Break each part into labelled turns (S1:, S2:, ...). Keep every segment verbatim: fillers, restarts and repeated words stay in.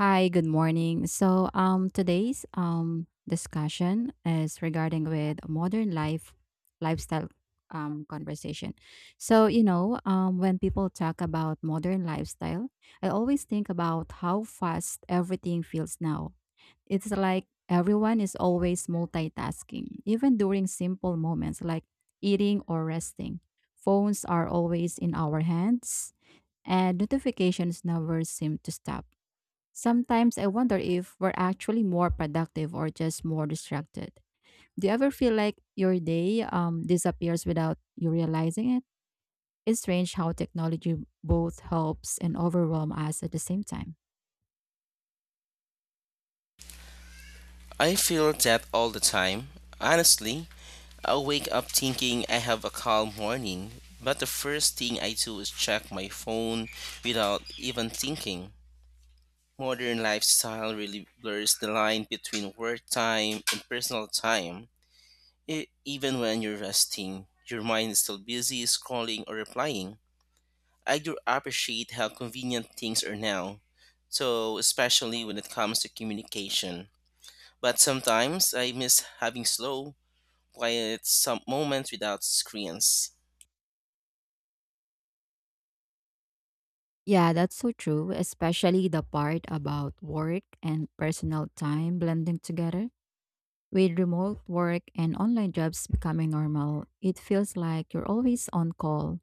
S1: Hi, good morning. So, um, today's um discussion is regarding with modern life lifestyle um conversation. So, you know, um, when people talk about modern lifestyle, I always think about how fast everything feels now. It's like everyone is always multitasking, even during simple moments like eating or resting. Phones are always in our hands, and notifications never seem to stop. Sometimes I wonder if we're actually more productive or just more distracted. Do you ever feel like your day um, disappears without you realizing it? It's strange how technology both helps and overwhelms us at the same time.
S2: I feel that all the time. Honestly, I wake up thinking I have a calm morning, but the first thing I do is check my phone without even thinking. Modern lifestyle really blurs the line between work time and personal time. E- even when you're resting, your mind is still busy scrolling or replying. I do appreciate how convenient things are now, so especially when it comes to communication. But sometimes I miss having slow, quiet some moments without screens.
S1: Yeah, that's so true, especially the part about work and personal time blending together. With remote work and online jobs becoming normal, it feels like you're always on call.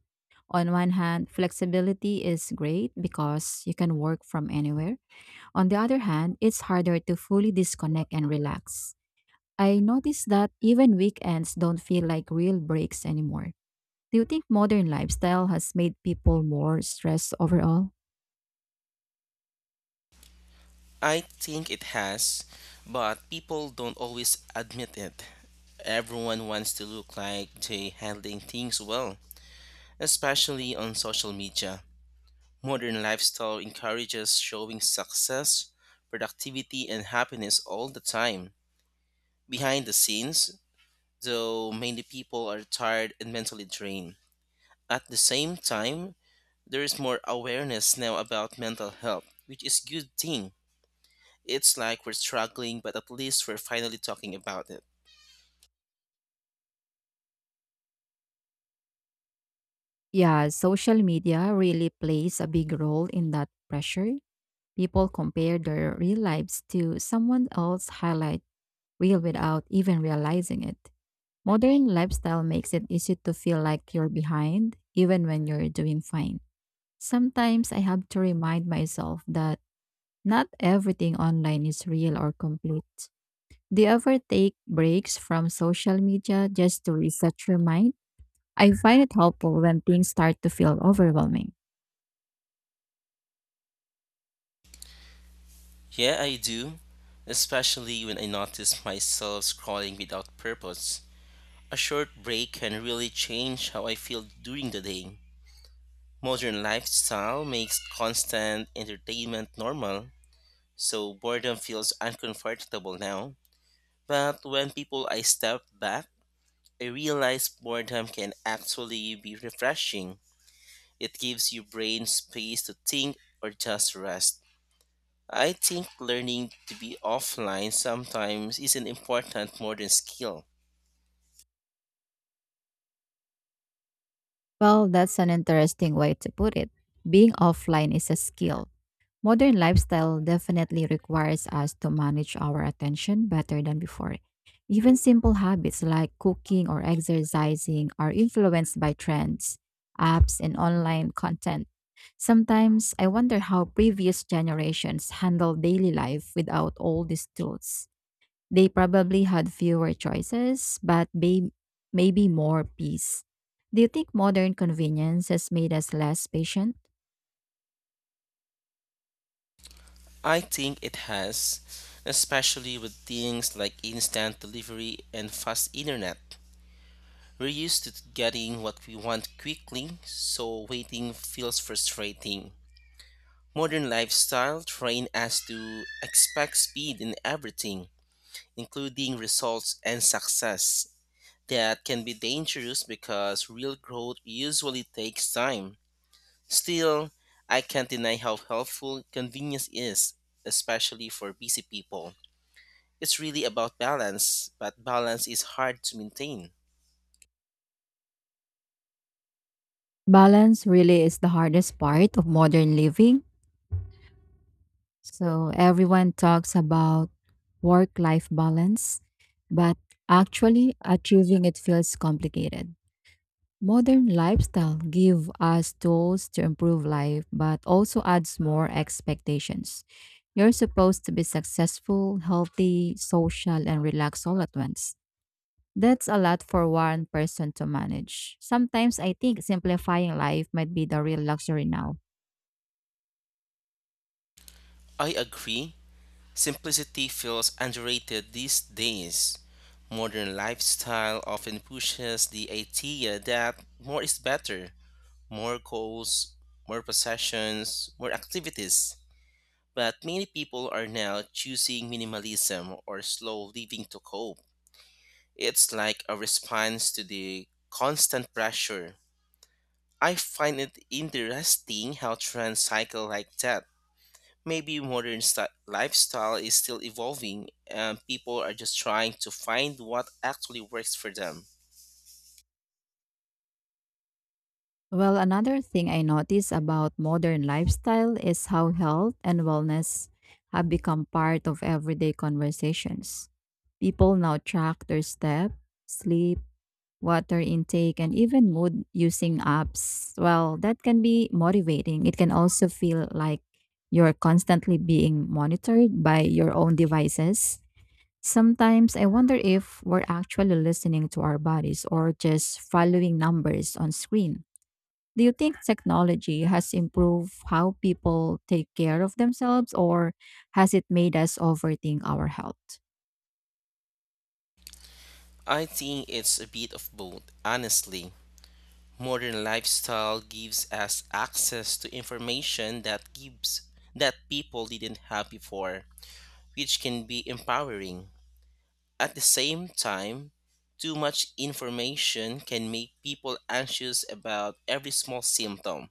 S1: On one hand, flexibility is great because you can work from anywhere. On the other hand, it's harder to fully disconnect and relax. I noticed that even weekends don't feel like real breaks anymore. Do you think modern lifestyle has made people more stressed overall?
S2: I think it has, but people don't always admit it. Everyone wants to look like they're handling things well, especially on social media. Modern lifestyle encourages showing success, productivity, and happiness all the time. Behind the scenes, though, many people are tired and mentally drained. At the same time, there is more awareness now about mental health, which is good thing. It's like we're struggling, but at least we're finally talking about it.
S1: Yeah, social media really plays a big role in that pressure. People compare their real lives to someone else's highlight reel without even realizing it. Modern lifestyle makes it easy to feel like you're behind, even when you're doing fine. Sometimes I have to remind myself that not everything online is real or complete. Do you ever take breaks from social media just to reset your mind? I find it helpful when things start to feel overwhelming.
S2: Yeah, I do, especially when I notice myself scrolling without purpose. A short break can really change how I feel during the day. Modern lifestyle makes constant entertainment normal, so boredom feels uncomfortable now. But when people I step back I realized boredom can actually be refreshing. It gives your brain space to think or just rest. I think learning to be offline sometimes isn't important more than skill.
S1: Well, that's an interesting way to put it. Being offline is a skill. Modern lifestyle definitely requires us to manage our attention better than before. Even simple habits like cooking or exercising are influenced by trends, apps, and online content. Sometimes I wonder how previous generations handled daily life without all these tools. They probably had fewer choices, but may- maybe more peace. Do you think modern convenience has made us less patient?
S2: I think it has, especially with things like instant delivery and fast internet. We're used to getting what we want quickly, so waiting feels frustrating. Modern lifestyle train us to expect speed in everything including results and success. That can be dangerous because real growth usually takes time. Still, I can't deny how helpful convenience is, especially for busy people. It's really about balance, but balance is hard to maintain.
S1: Balance really is the hardest part of modern living. So everyone talks about work life balance, but actually achieving it feels complicated. Modern lifestyle give us tools to improve life but also adds more expectations. You're supposed to be successful, healthy, social and relaxed all at once. That's a lot for one person to manage. Sometimes I think simplifying life might be the real luxury now.
S2: I agree. Simplicity feels underrated these days. Modern lifestyle often pushes the idea that more is better, more goals, more possessions, more activities. But many people are now choosing minimalism or slow living to cope. It's like a response to the constant pressure. I find it interesting how trends cycle like that. Maybe modern sti- lifestyle is still evolving and people are just trying to find what actually works for them.
S1: Well, another thing I notice about modern lifestyle is how health and wellness have become part of everyday conversations. People now track their step, sleep, water intake, and even mood using apps, well, that can be motivating. It can also feel like you're constantly being monitored by your own devices. Sometimes I wonder if we're actually listening to our bodies or just following numbers on screen. Do you think technology has improved how people take care of themselves or has it made us overthink our health?
S2: I think it's a bit of both, honestly. Modern lifestyle gives us access to information that gives that people didn't have before, which can be empowering. At the same time, too much information can make people anxious about every small symptom.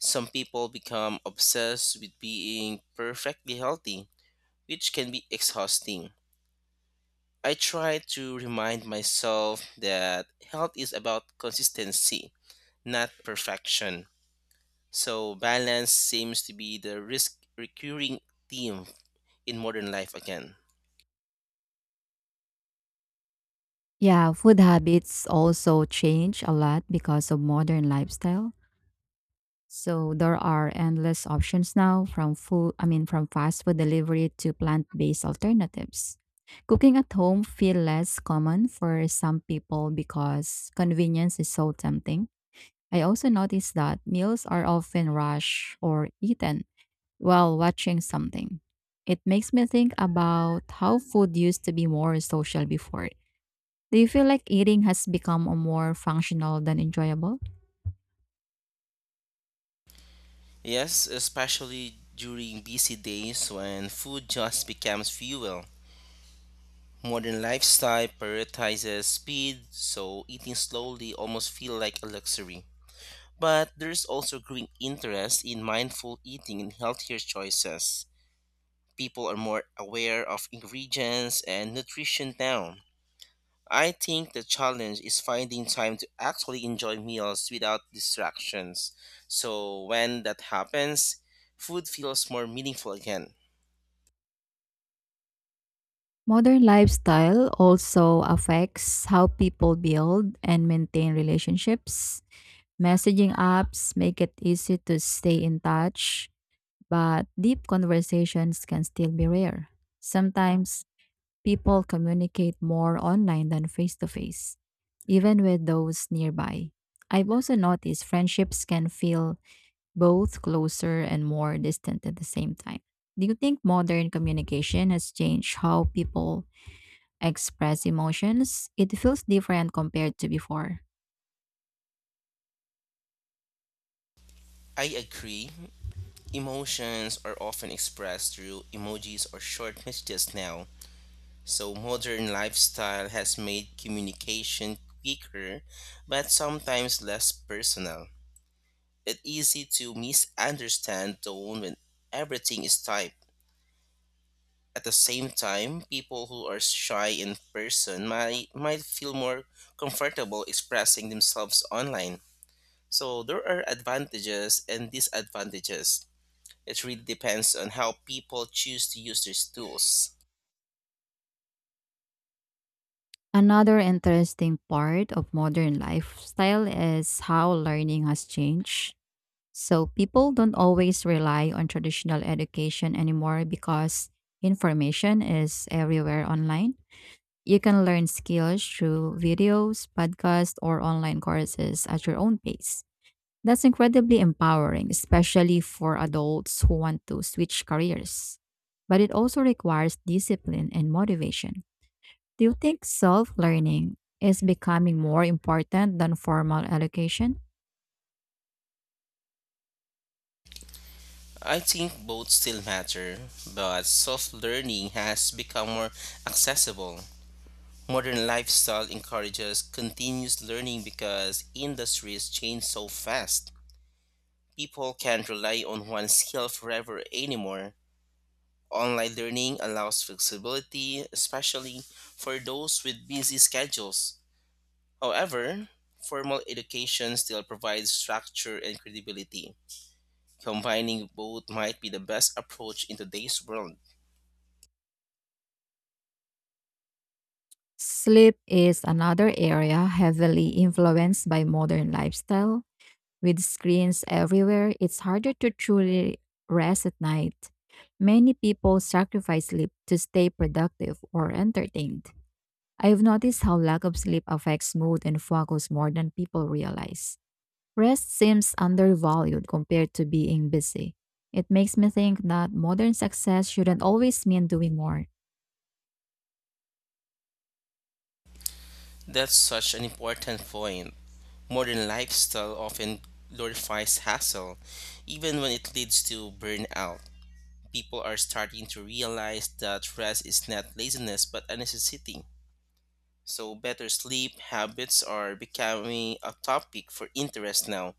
S2: Some people become obsessed with being perfectly healthy, which can be exhausting. I try to remind myself that health is about consistency, not perfection. So balance seems to be the risk recurring theme in modern life again.
S1: Yeah, food habits also change a lot because of modern lifestyle. So there are endless options now from food, I mean from fast food delivery to plant-based alternatives. Cooking at home feel less common for some people because convenience is so tempting. I also noticed that meals are often rushed or eaten while watching something. It makes me think about how food used to be more social before. Do you feel like eating has become a more functional than enjoyable?
S2: Yes, especially during busy days when food just becomes fuel. Modern lifestyle prioritizes speed, so eating slowly almost feels like a luxury. But there's also growing interest in mindful eating and healthier choices. People are more aware of ingredients and nutrition now, I think the challenge is finding time to actually enjoy meals without distractions. So when that happens, food feels more meaningful again.
S1: Modern lifestyle also affects how people build and maintain relationships. Messaging apps make it easy to stay in touch, but deep conversations can still be rare. Sometimes people communicate more online than face to face, even with those nearby. I've also noticed friendships can feel both closer and more distant at the same time. Do you think modern communication has changed how people express emotions? It feels different compared to before.
S2: I agree. Emotions are often expressed through emojis or short messages now. So modern lifestyle has made communication quicker but sometimes less personal. It's easy to misunderstand tone when everything is typed. At the same time, people who are shy in person might might feel more comfortable expressing themselves online. So there are advantages and disadvantages. It really depends on how people choose to use these tools.
S1: Another interesting part of modern lifestyle is how learning has changed. So people don't always rely on traditional education anymore because information is everywhere online. You can learn skills through videos, podcasts, or online courses at your own pace. That's incredibly empowering, especially for adults who want to switch careers. But it also requires discipline and motivation. Do you think self learning is becoming more important than formal education?
S2: I think both still matter, but soft learning has become more accessible. Modern lifestyle encourages continuous learning because industries change so fast. People can't rely on one skill forever anymore. Online learning allows flexibility, especially for those with busy schedules. However, formal education still provides structure and credibility. Combining both might be the best approach in today's world.
S1: Sleep is another area heavily influenced by modern lifestyle. With screens everywhere, it's harder to truly rest at night. Many people sacrifice sleep to stay productive or entertained. I've noticed how lack of sleep affects mood and focus more than people realize. Rest seems undervalued compared to being busy. It makes me think that modern success shouldn't always mean doing more.
S2: That's such an important point. Modern lifestyle often glorifies hassle, even when it leads to burnout. People are starting to realize that rest is not laziness but a necessity. So, better sleep habits are becoming a topic for interest now,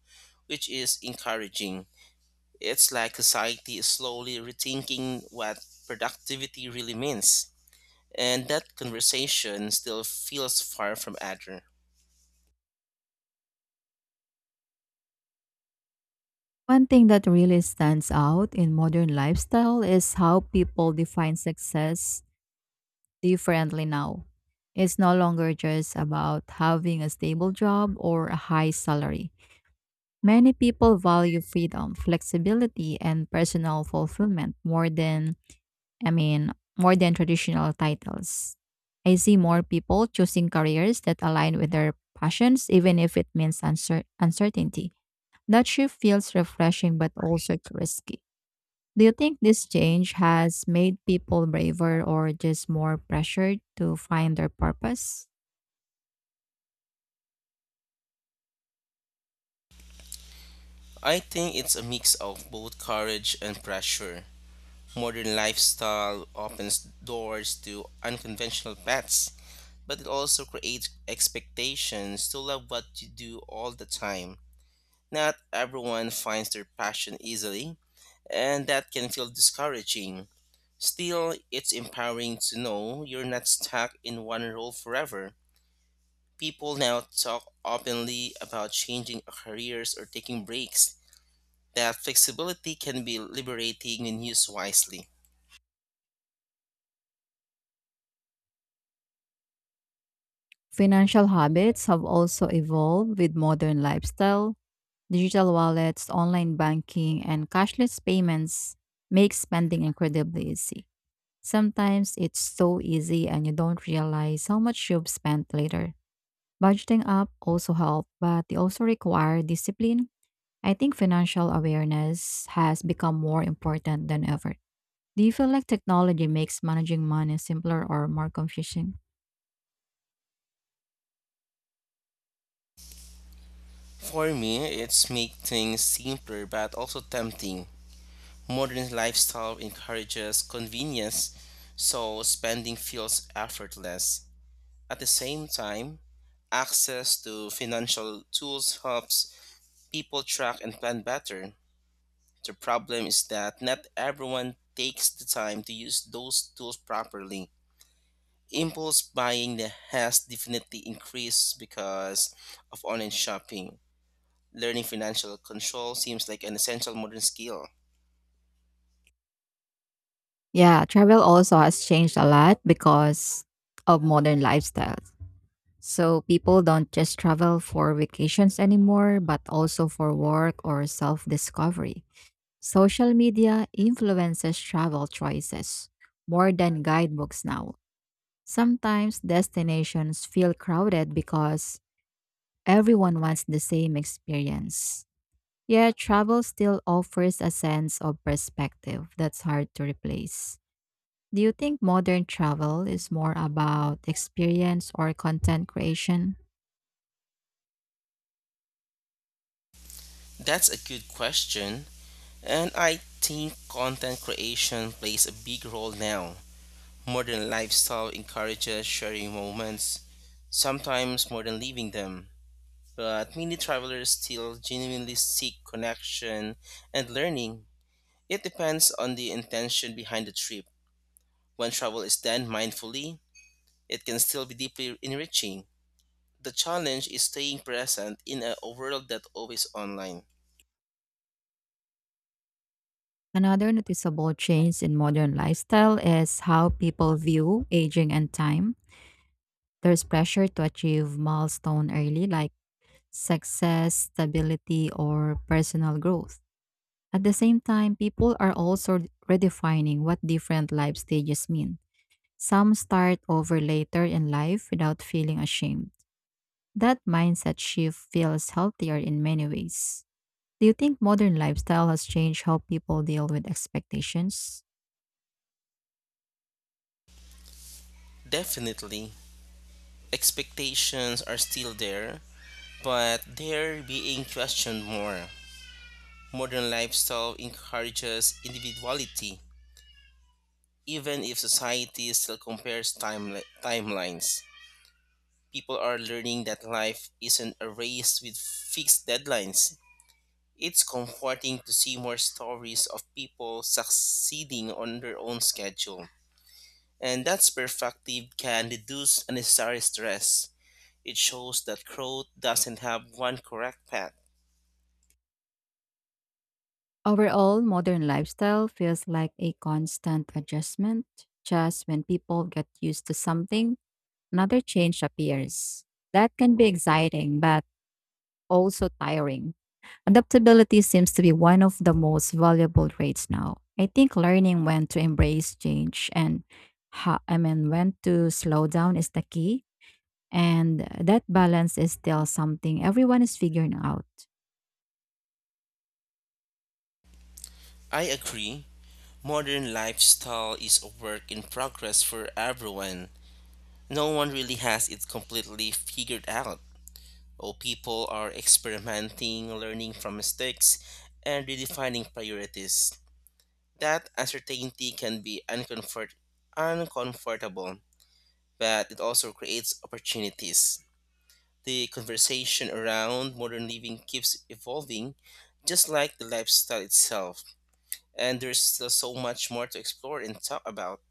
S2: which is encouraging. It's like society is slowly rethinking what productivity really means. And that conversation still feels far from accurate.
S1: One thing that really stands out in modern lifestyle is how people define success differently now. It's no longer just about having a stable job or a high salary. Many people value freedom, flexibility, and personal fulfillment more than I mean, more than traditional titles. I see more people choosing careers that align with their passions, even if it means uncer- uncertainty. That shift feels refreshing but also risky. Do you think this change has made people braver or just more pressured to find their purpose?
S2: I think it's a mix of both courage and pressure. Modern lifestyle opens doors to unconventional paths, but it also creates expectations to love what you do all the time. Not everyone finds their passion easily, and that can feel discouraging. Still, it's empowering to know you're not stuck in one role forever. People now talk openly about changing careers or taking breaks that flexibility can be liberating when used wisely.
S1: Financial habits have also evolved with modern lifestyle. Digital wallets, online banking, and cashless payments make spending incredibly easy. Sometimes it's so easy and you don't realize how much you've spent later. Budgeting up also help, but they also require discipline. I think financial awareness has become more important than ever. Do you feel like technology makes managing money simpler or more confusing?
S2: For me, it's make things simpler but also tempting. Modern lifestyle encourages convenience, so spending feels effortless. At the same time, access to financial tools helps people track and plan better. The problem is that not everyone takes the time to use those tools properly impulse buying that has definitely increased because of online shopping. Learning financial control seems like an essential modern skill.
S1: Yeah, travel also has changed a lot because of modern lifestyles. So people don't just travel for vacations anymore, but also for work or self discovery. Social media influences travel choices more than guidebooks now. Sometimes destinations feel crowded because everyone wants the same experience. Yet, travel still offers a sense of perspective that's hard to replace. Do you think modern travel is more about experience or content creation?
S2: That's a good question, and I think content creation plays a big role now. Modern lifestyle encourages sharing moments, sometimes more than living them. But many travelers still genuinely seek connection and learning. It depends on the intention behind the trip. When travel is done mindfully, it can still be deeply enriching. The challenge is staying present in a world that always online.
S1: Another noticeable change in modern lifestyle is how people view aging and time. There's pressure to achieve milestone early like success, stability, or personal growth. At the same time, people are also redefining what different life stages mean. Some start over later in life without feeling ashamed. That mindset shift feels healthier in many ways. Do you think modern lifestyle has changed how people deal with expectations?
S2: Definitely, expectations are still there, but they're being questioned more. Modern lifestyle encourages individuality, even if society still compares time timelines. People are learning that life isn't a race with fixed deadlines. It's comforting to see more stories of people succeeding on their own schedule. And that perspective can reduce unnecessary stress. It shows that growth doesn't have one correct path.
S1: Overall, modern lifestyle feels like a constant adjustment. Just when people get used to something, another change appears. That can be exciting, but also tiring. Adaptability seems to be one of the most valuable traits now. I think learning when to embrace change and how, I mean when to slow down is the key, and that balance is still something everyone is figuring out.
S2: I agree. Modern lifestyle is a work in progress for everyone. No one really has it completely figured out. Oh, people are experimenting, learning from mistakes, and redefining priorities. That uncertainty can be uncomfort- uncomfortable, but it also creates opportunities. The conversation around modern living keeps evolving, just like the lifestyle itself, and there's still so much more to explore and talk about.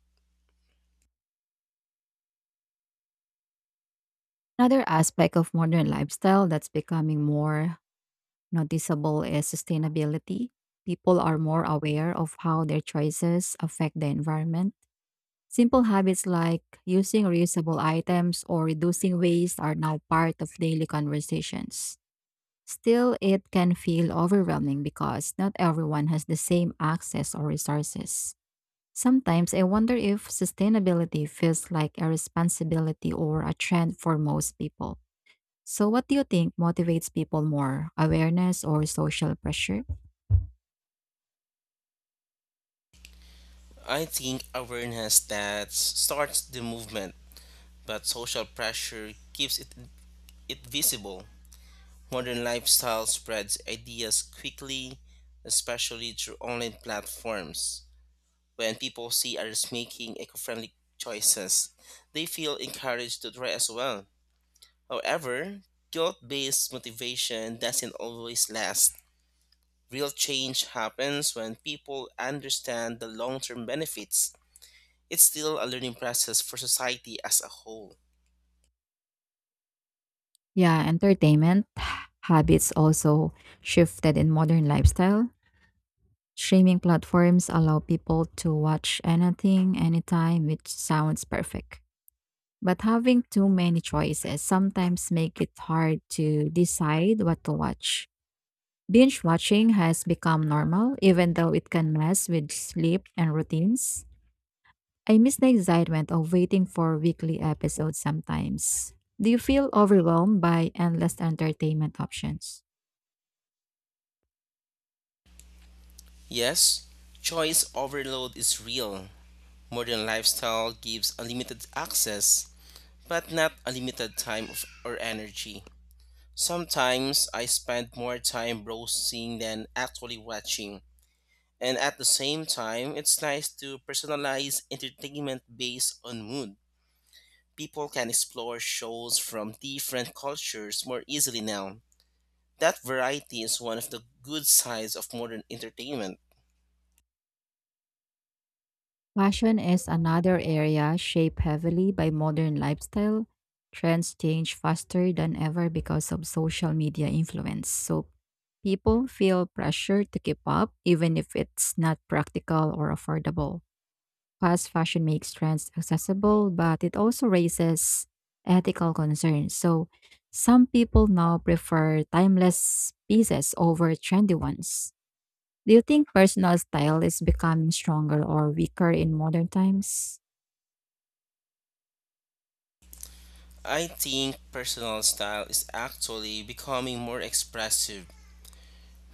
S1: Another aspect of modern lifestyle that's becoming more noticeable is sustainability. People are more aware of how their choices affect the environment. Simple habits like using reusable items or reducing waste are now part of daily conversations. Still, it can feel overwhelming because not everyone has the same access or resources. Sometimes I wonder if sustainability feels like a responsibility or a trend for most people. So, what do you think motivates people more, awareness or social pressure?
S2: I think awareness that starts the movement, but social pressure keeps it it visible. Modern lifestyle spreads ideas quickly, especially through online platforms. When people see others making eco friendly choices, they feel encouraged to try as well. However, guilt based motivation doesn't always last. Real change happens when people understand the long term benefits. It's still a learning process for society as a whole.
S1: Yeah, entertainment habits also shifted in modern lifestyle. Streaming platforms allow people to watch anything, anytime, which sounds perfect. But having too many choices sometimes make it hard to decide what to watch. Binge watching has become normal, even though it can mess with sleep and routines. I miss the excitement of waiting for weekly episodes sometimes. Do you feel overwhelmed by endless entertainment options?
S2: Yes, choice overload is real. Modern lifestyle gives unlimited access, but not unlimited time of- or energy. Sometimes I spend more time browsing than actually watching. And at the same time, it's nice to personalize entertainment based on mood. People can explore shows from different cultures more easily now. That variety is one of the good sides of modern entertainment.
S1: Fashion is another area shaped heavily by modern lifestyle. Trends change faster than ever because of social media influence. So people feel pressure to keep up even if it's not practical or affordable. Fast fashion makes trends accessible, but it also raises ethical concerns. So some people now prefer timeless pieces over trendy ones. Do you think personal style is becoming stronger or weaker in modern times?
S2: I think personal style is actually becoming more expressive.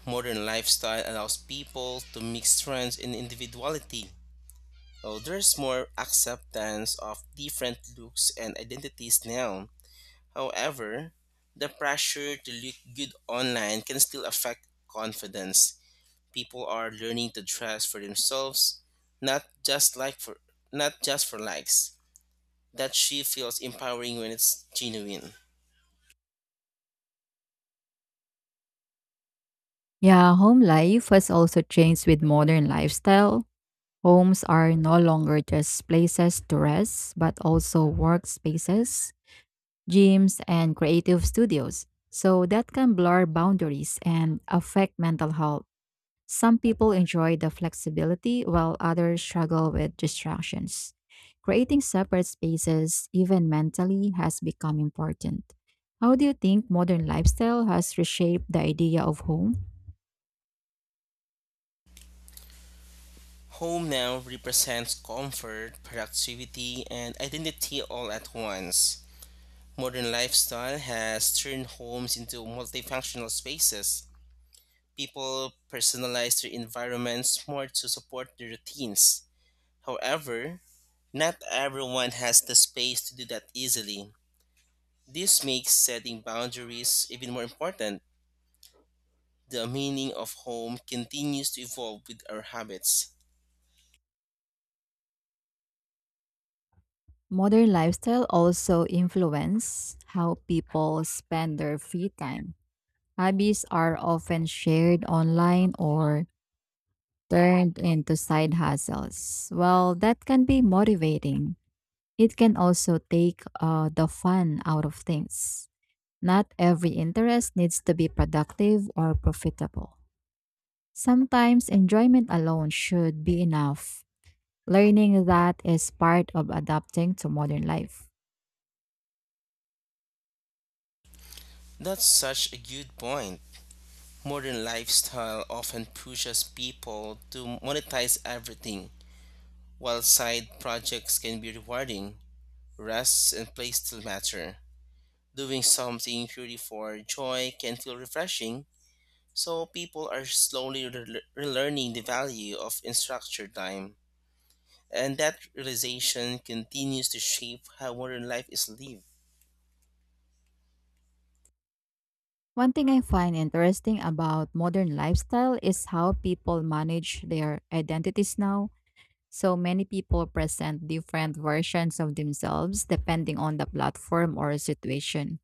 S2: Modern lifestyle allows people to mix trends and individuality. Oh, there's more acceptance of different looks and identities now. However, the pressure to look good online can still affect confidence. People are learning to dress for themselves, not just like for not just for likes. That she feels empowering when it's genuine.
S1: Yeah, home life has also changed with modern lifestyle. Homes are no longer just places to rest, but also workspaces, gyms, and creative studios. So that can blur boundaries and affect mental health. Some people enjoy the flexibility while others struggle with distractions. Creating separate spaces, even mentally, has become important. How do you think modern lifestyle has reshaped the idea of home?
S2: Home now represents comfort, productivity, and identity all at once. Modern lifestyle has turned homes into multifunctional spaces. People personalize their environments more to support their routines. However, not everyone has the space to do that easily. This makes setting boundaries even more important. The meaning of home continues to evolve with our habits.
S1: Modern lifestyle also influence how people spend their free time. Hobbies are often shared online or turned into side hustles. Well, that can be motivating, it can also take uh, the fun out of things. Not every interest needs to be productive or profitable. Sometimes enjoyment alone should be enough. Learning that is part of adapting to modern life.
S2: That's such a good point. Modern lifestyle often pushes people to monetize everything, while side projects can be rewarding. Rest and play still matter. Doing something purely for joy can feel refreshing, so people are slowly rele- relearning the value of unstructured time. And that realization continues to shape how modern life is lived.
S1: One thing I find interesting about modern lifestyle is how people manage their identities now. So many people present different versions of themselves depending on the platform or situation.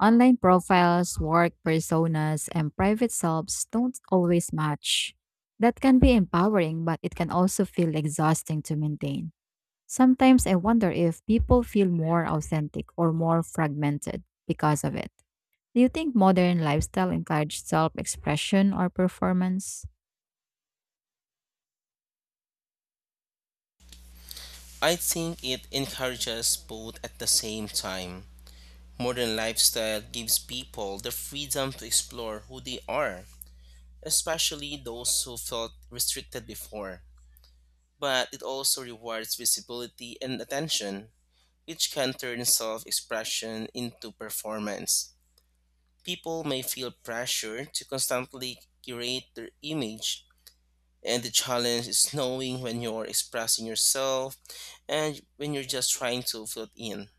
S1: Online profiles, work personas, and private selves don't always match. That can be empowering, but it can also feel exhausting to maintain. Sometimes I wonder if people feel more authentic or more fragmented because of it. Do you think modern lifestyle encourages self expression or performance?
S2: I think it encourages both at the same time. Modern lifestyle gives people the freedom to explore who they are, especially those who felt restricted before. But it also rewards visibility and attention, which can turn self expression into performance. People may feel pressure to constantly curate their image, and the challenge is knowing when you're expressing yourself and when you're just trying to fit in.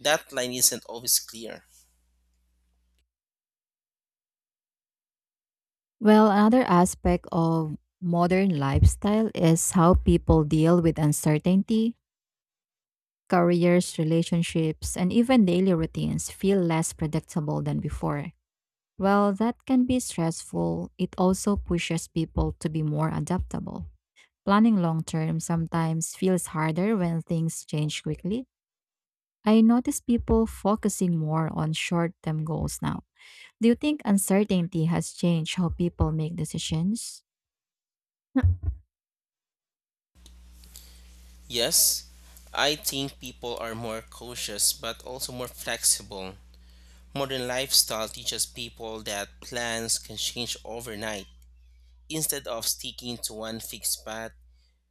S2: That line isn't always clear.
S1: Well, another aspect of modern lifestyle is how people deal with uncertainty. Careers, relationships, and even daily routines feel less predictable than before. While that can be stressful, it also pushes people to be more adaptable. Planning long term sometimes feels harder when things change quickly. I notice people focusing more on short term goals now. Do you think uncertainty has changed how people make decisions?
S2: Yes, I think people are more cautious but also more flexible. Modern lifestyle teaches people that plans can change overnight. Instead of sticking to one fixed path,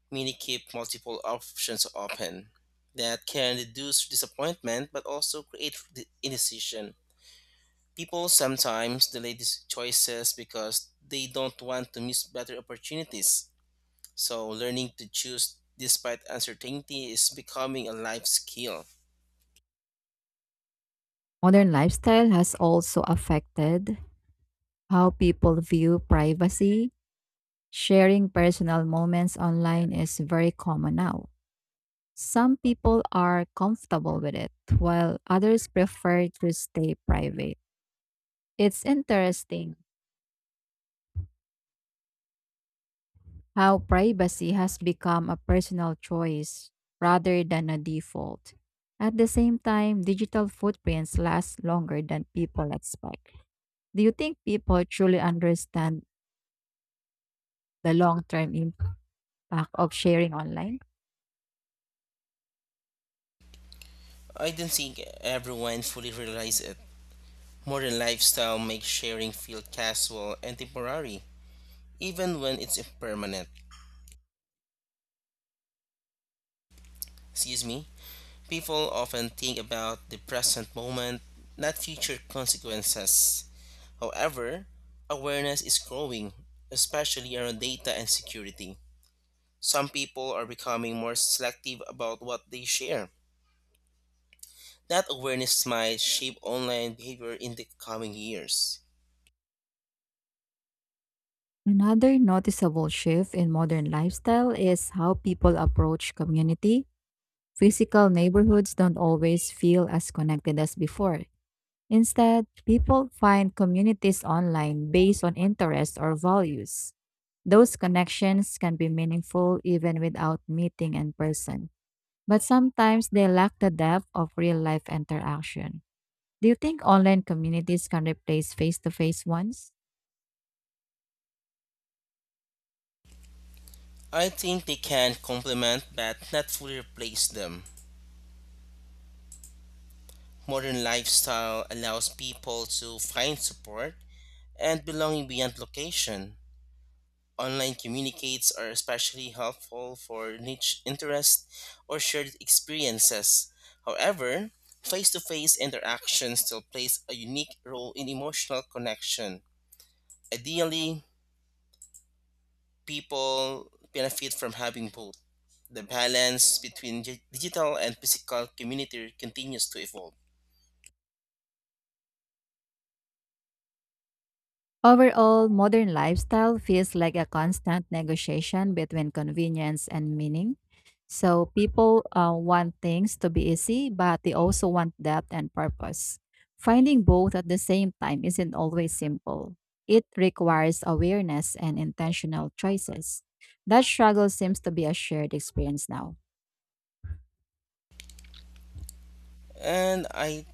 S2: many keep multiple options open. That can reduce disappointment but also create de- indecision. People sometimes delay these choices because they don't want to miss better opportunities. So, learning to choose despite uncertainty is becoming a life skill.
S1: Modern lifestyle has also affected how people view privacy. Sharing personal moments online is very common now. Some people are comfortable with it, while others prefer to stay private. It's interesting how privacy has become a personal choice rather than a default. At the same time, digital footprints last longer than people expect. Do you think people truly understand the long term impact of sharing online?
S2: I don't think everyone fully realizes it. Modern lifestyle makes sharing feel casual and temporary, even when it's impermanent. Excuse me? People often think about the present moment, not future consequences. However, awareness is growing, especially around data and security. Some people are becoming more selective about what they share, that awareness might shape online behavior in the coming years.
S1: Another noticeable shift in modern lifestyle is how people approach community. Physical neighborhoods don't always feel as connected as before. Instead, people find communities online based on interests or values. Those connections can be meaningful even without meeting in person, but sometimes they lack the depth of real life interaction. Do you think online communities can replace face to face ones?
S2: I think they can complement but not fully replace them. Modern lifestyle allows people to find support and belonging beyond location. Online communicates are especially helpful for niche interests or shared experiences. However, face to face interaction still plays a unique role in emotional connection. Ideally, people benefit from having both. The balance between gi- digital and physical community continues to evolve.
S1: Overall, modern lifestyle feels like a constant negotiation between convenience and meaning. So, people uh, want things to be easy, but they also want depth and purpose. Finding both at the same time isn't always simple. It requires awareness and intentional choices. That struggle seems to be a shared experience now.
S2: And I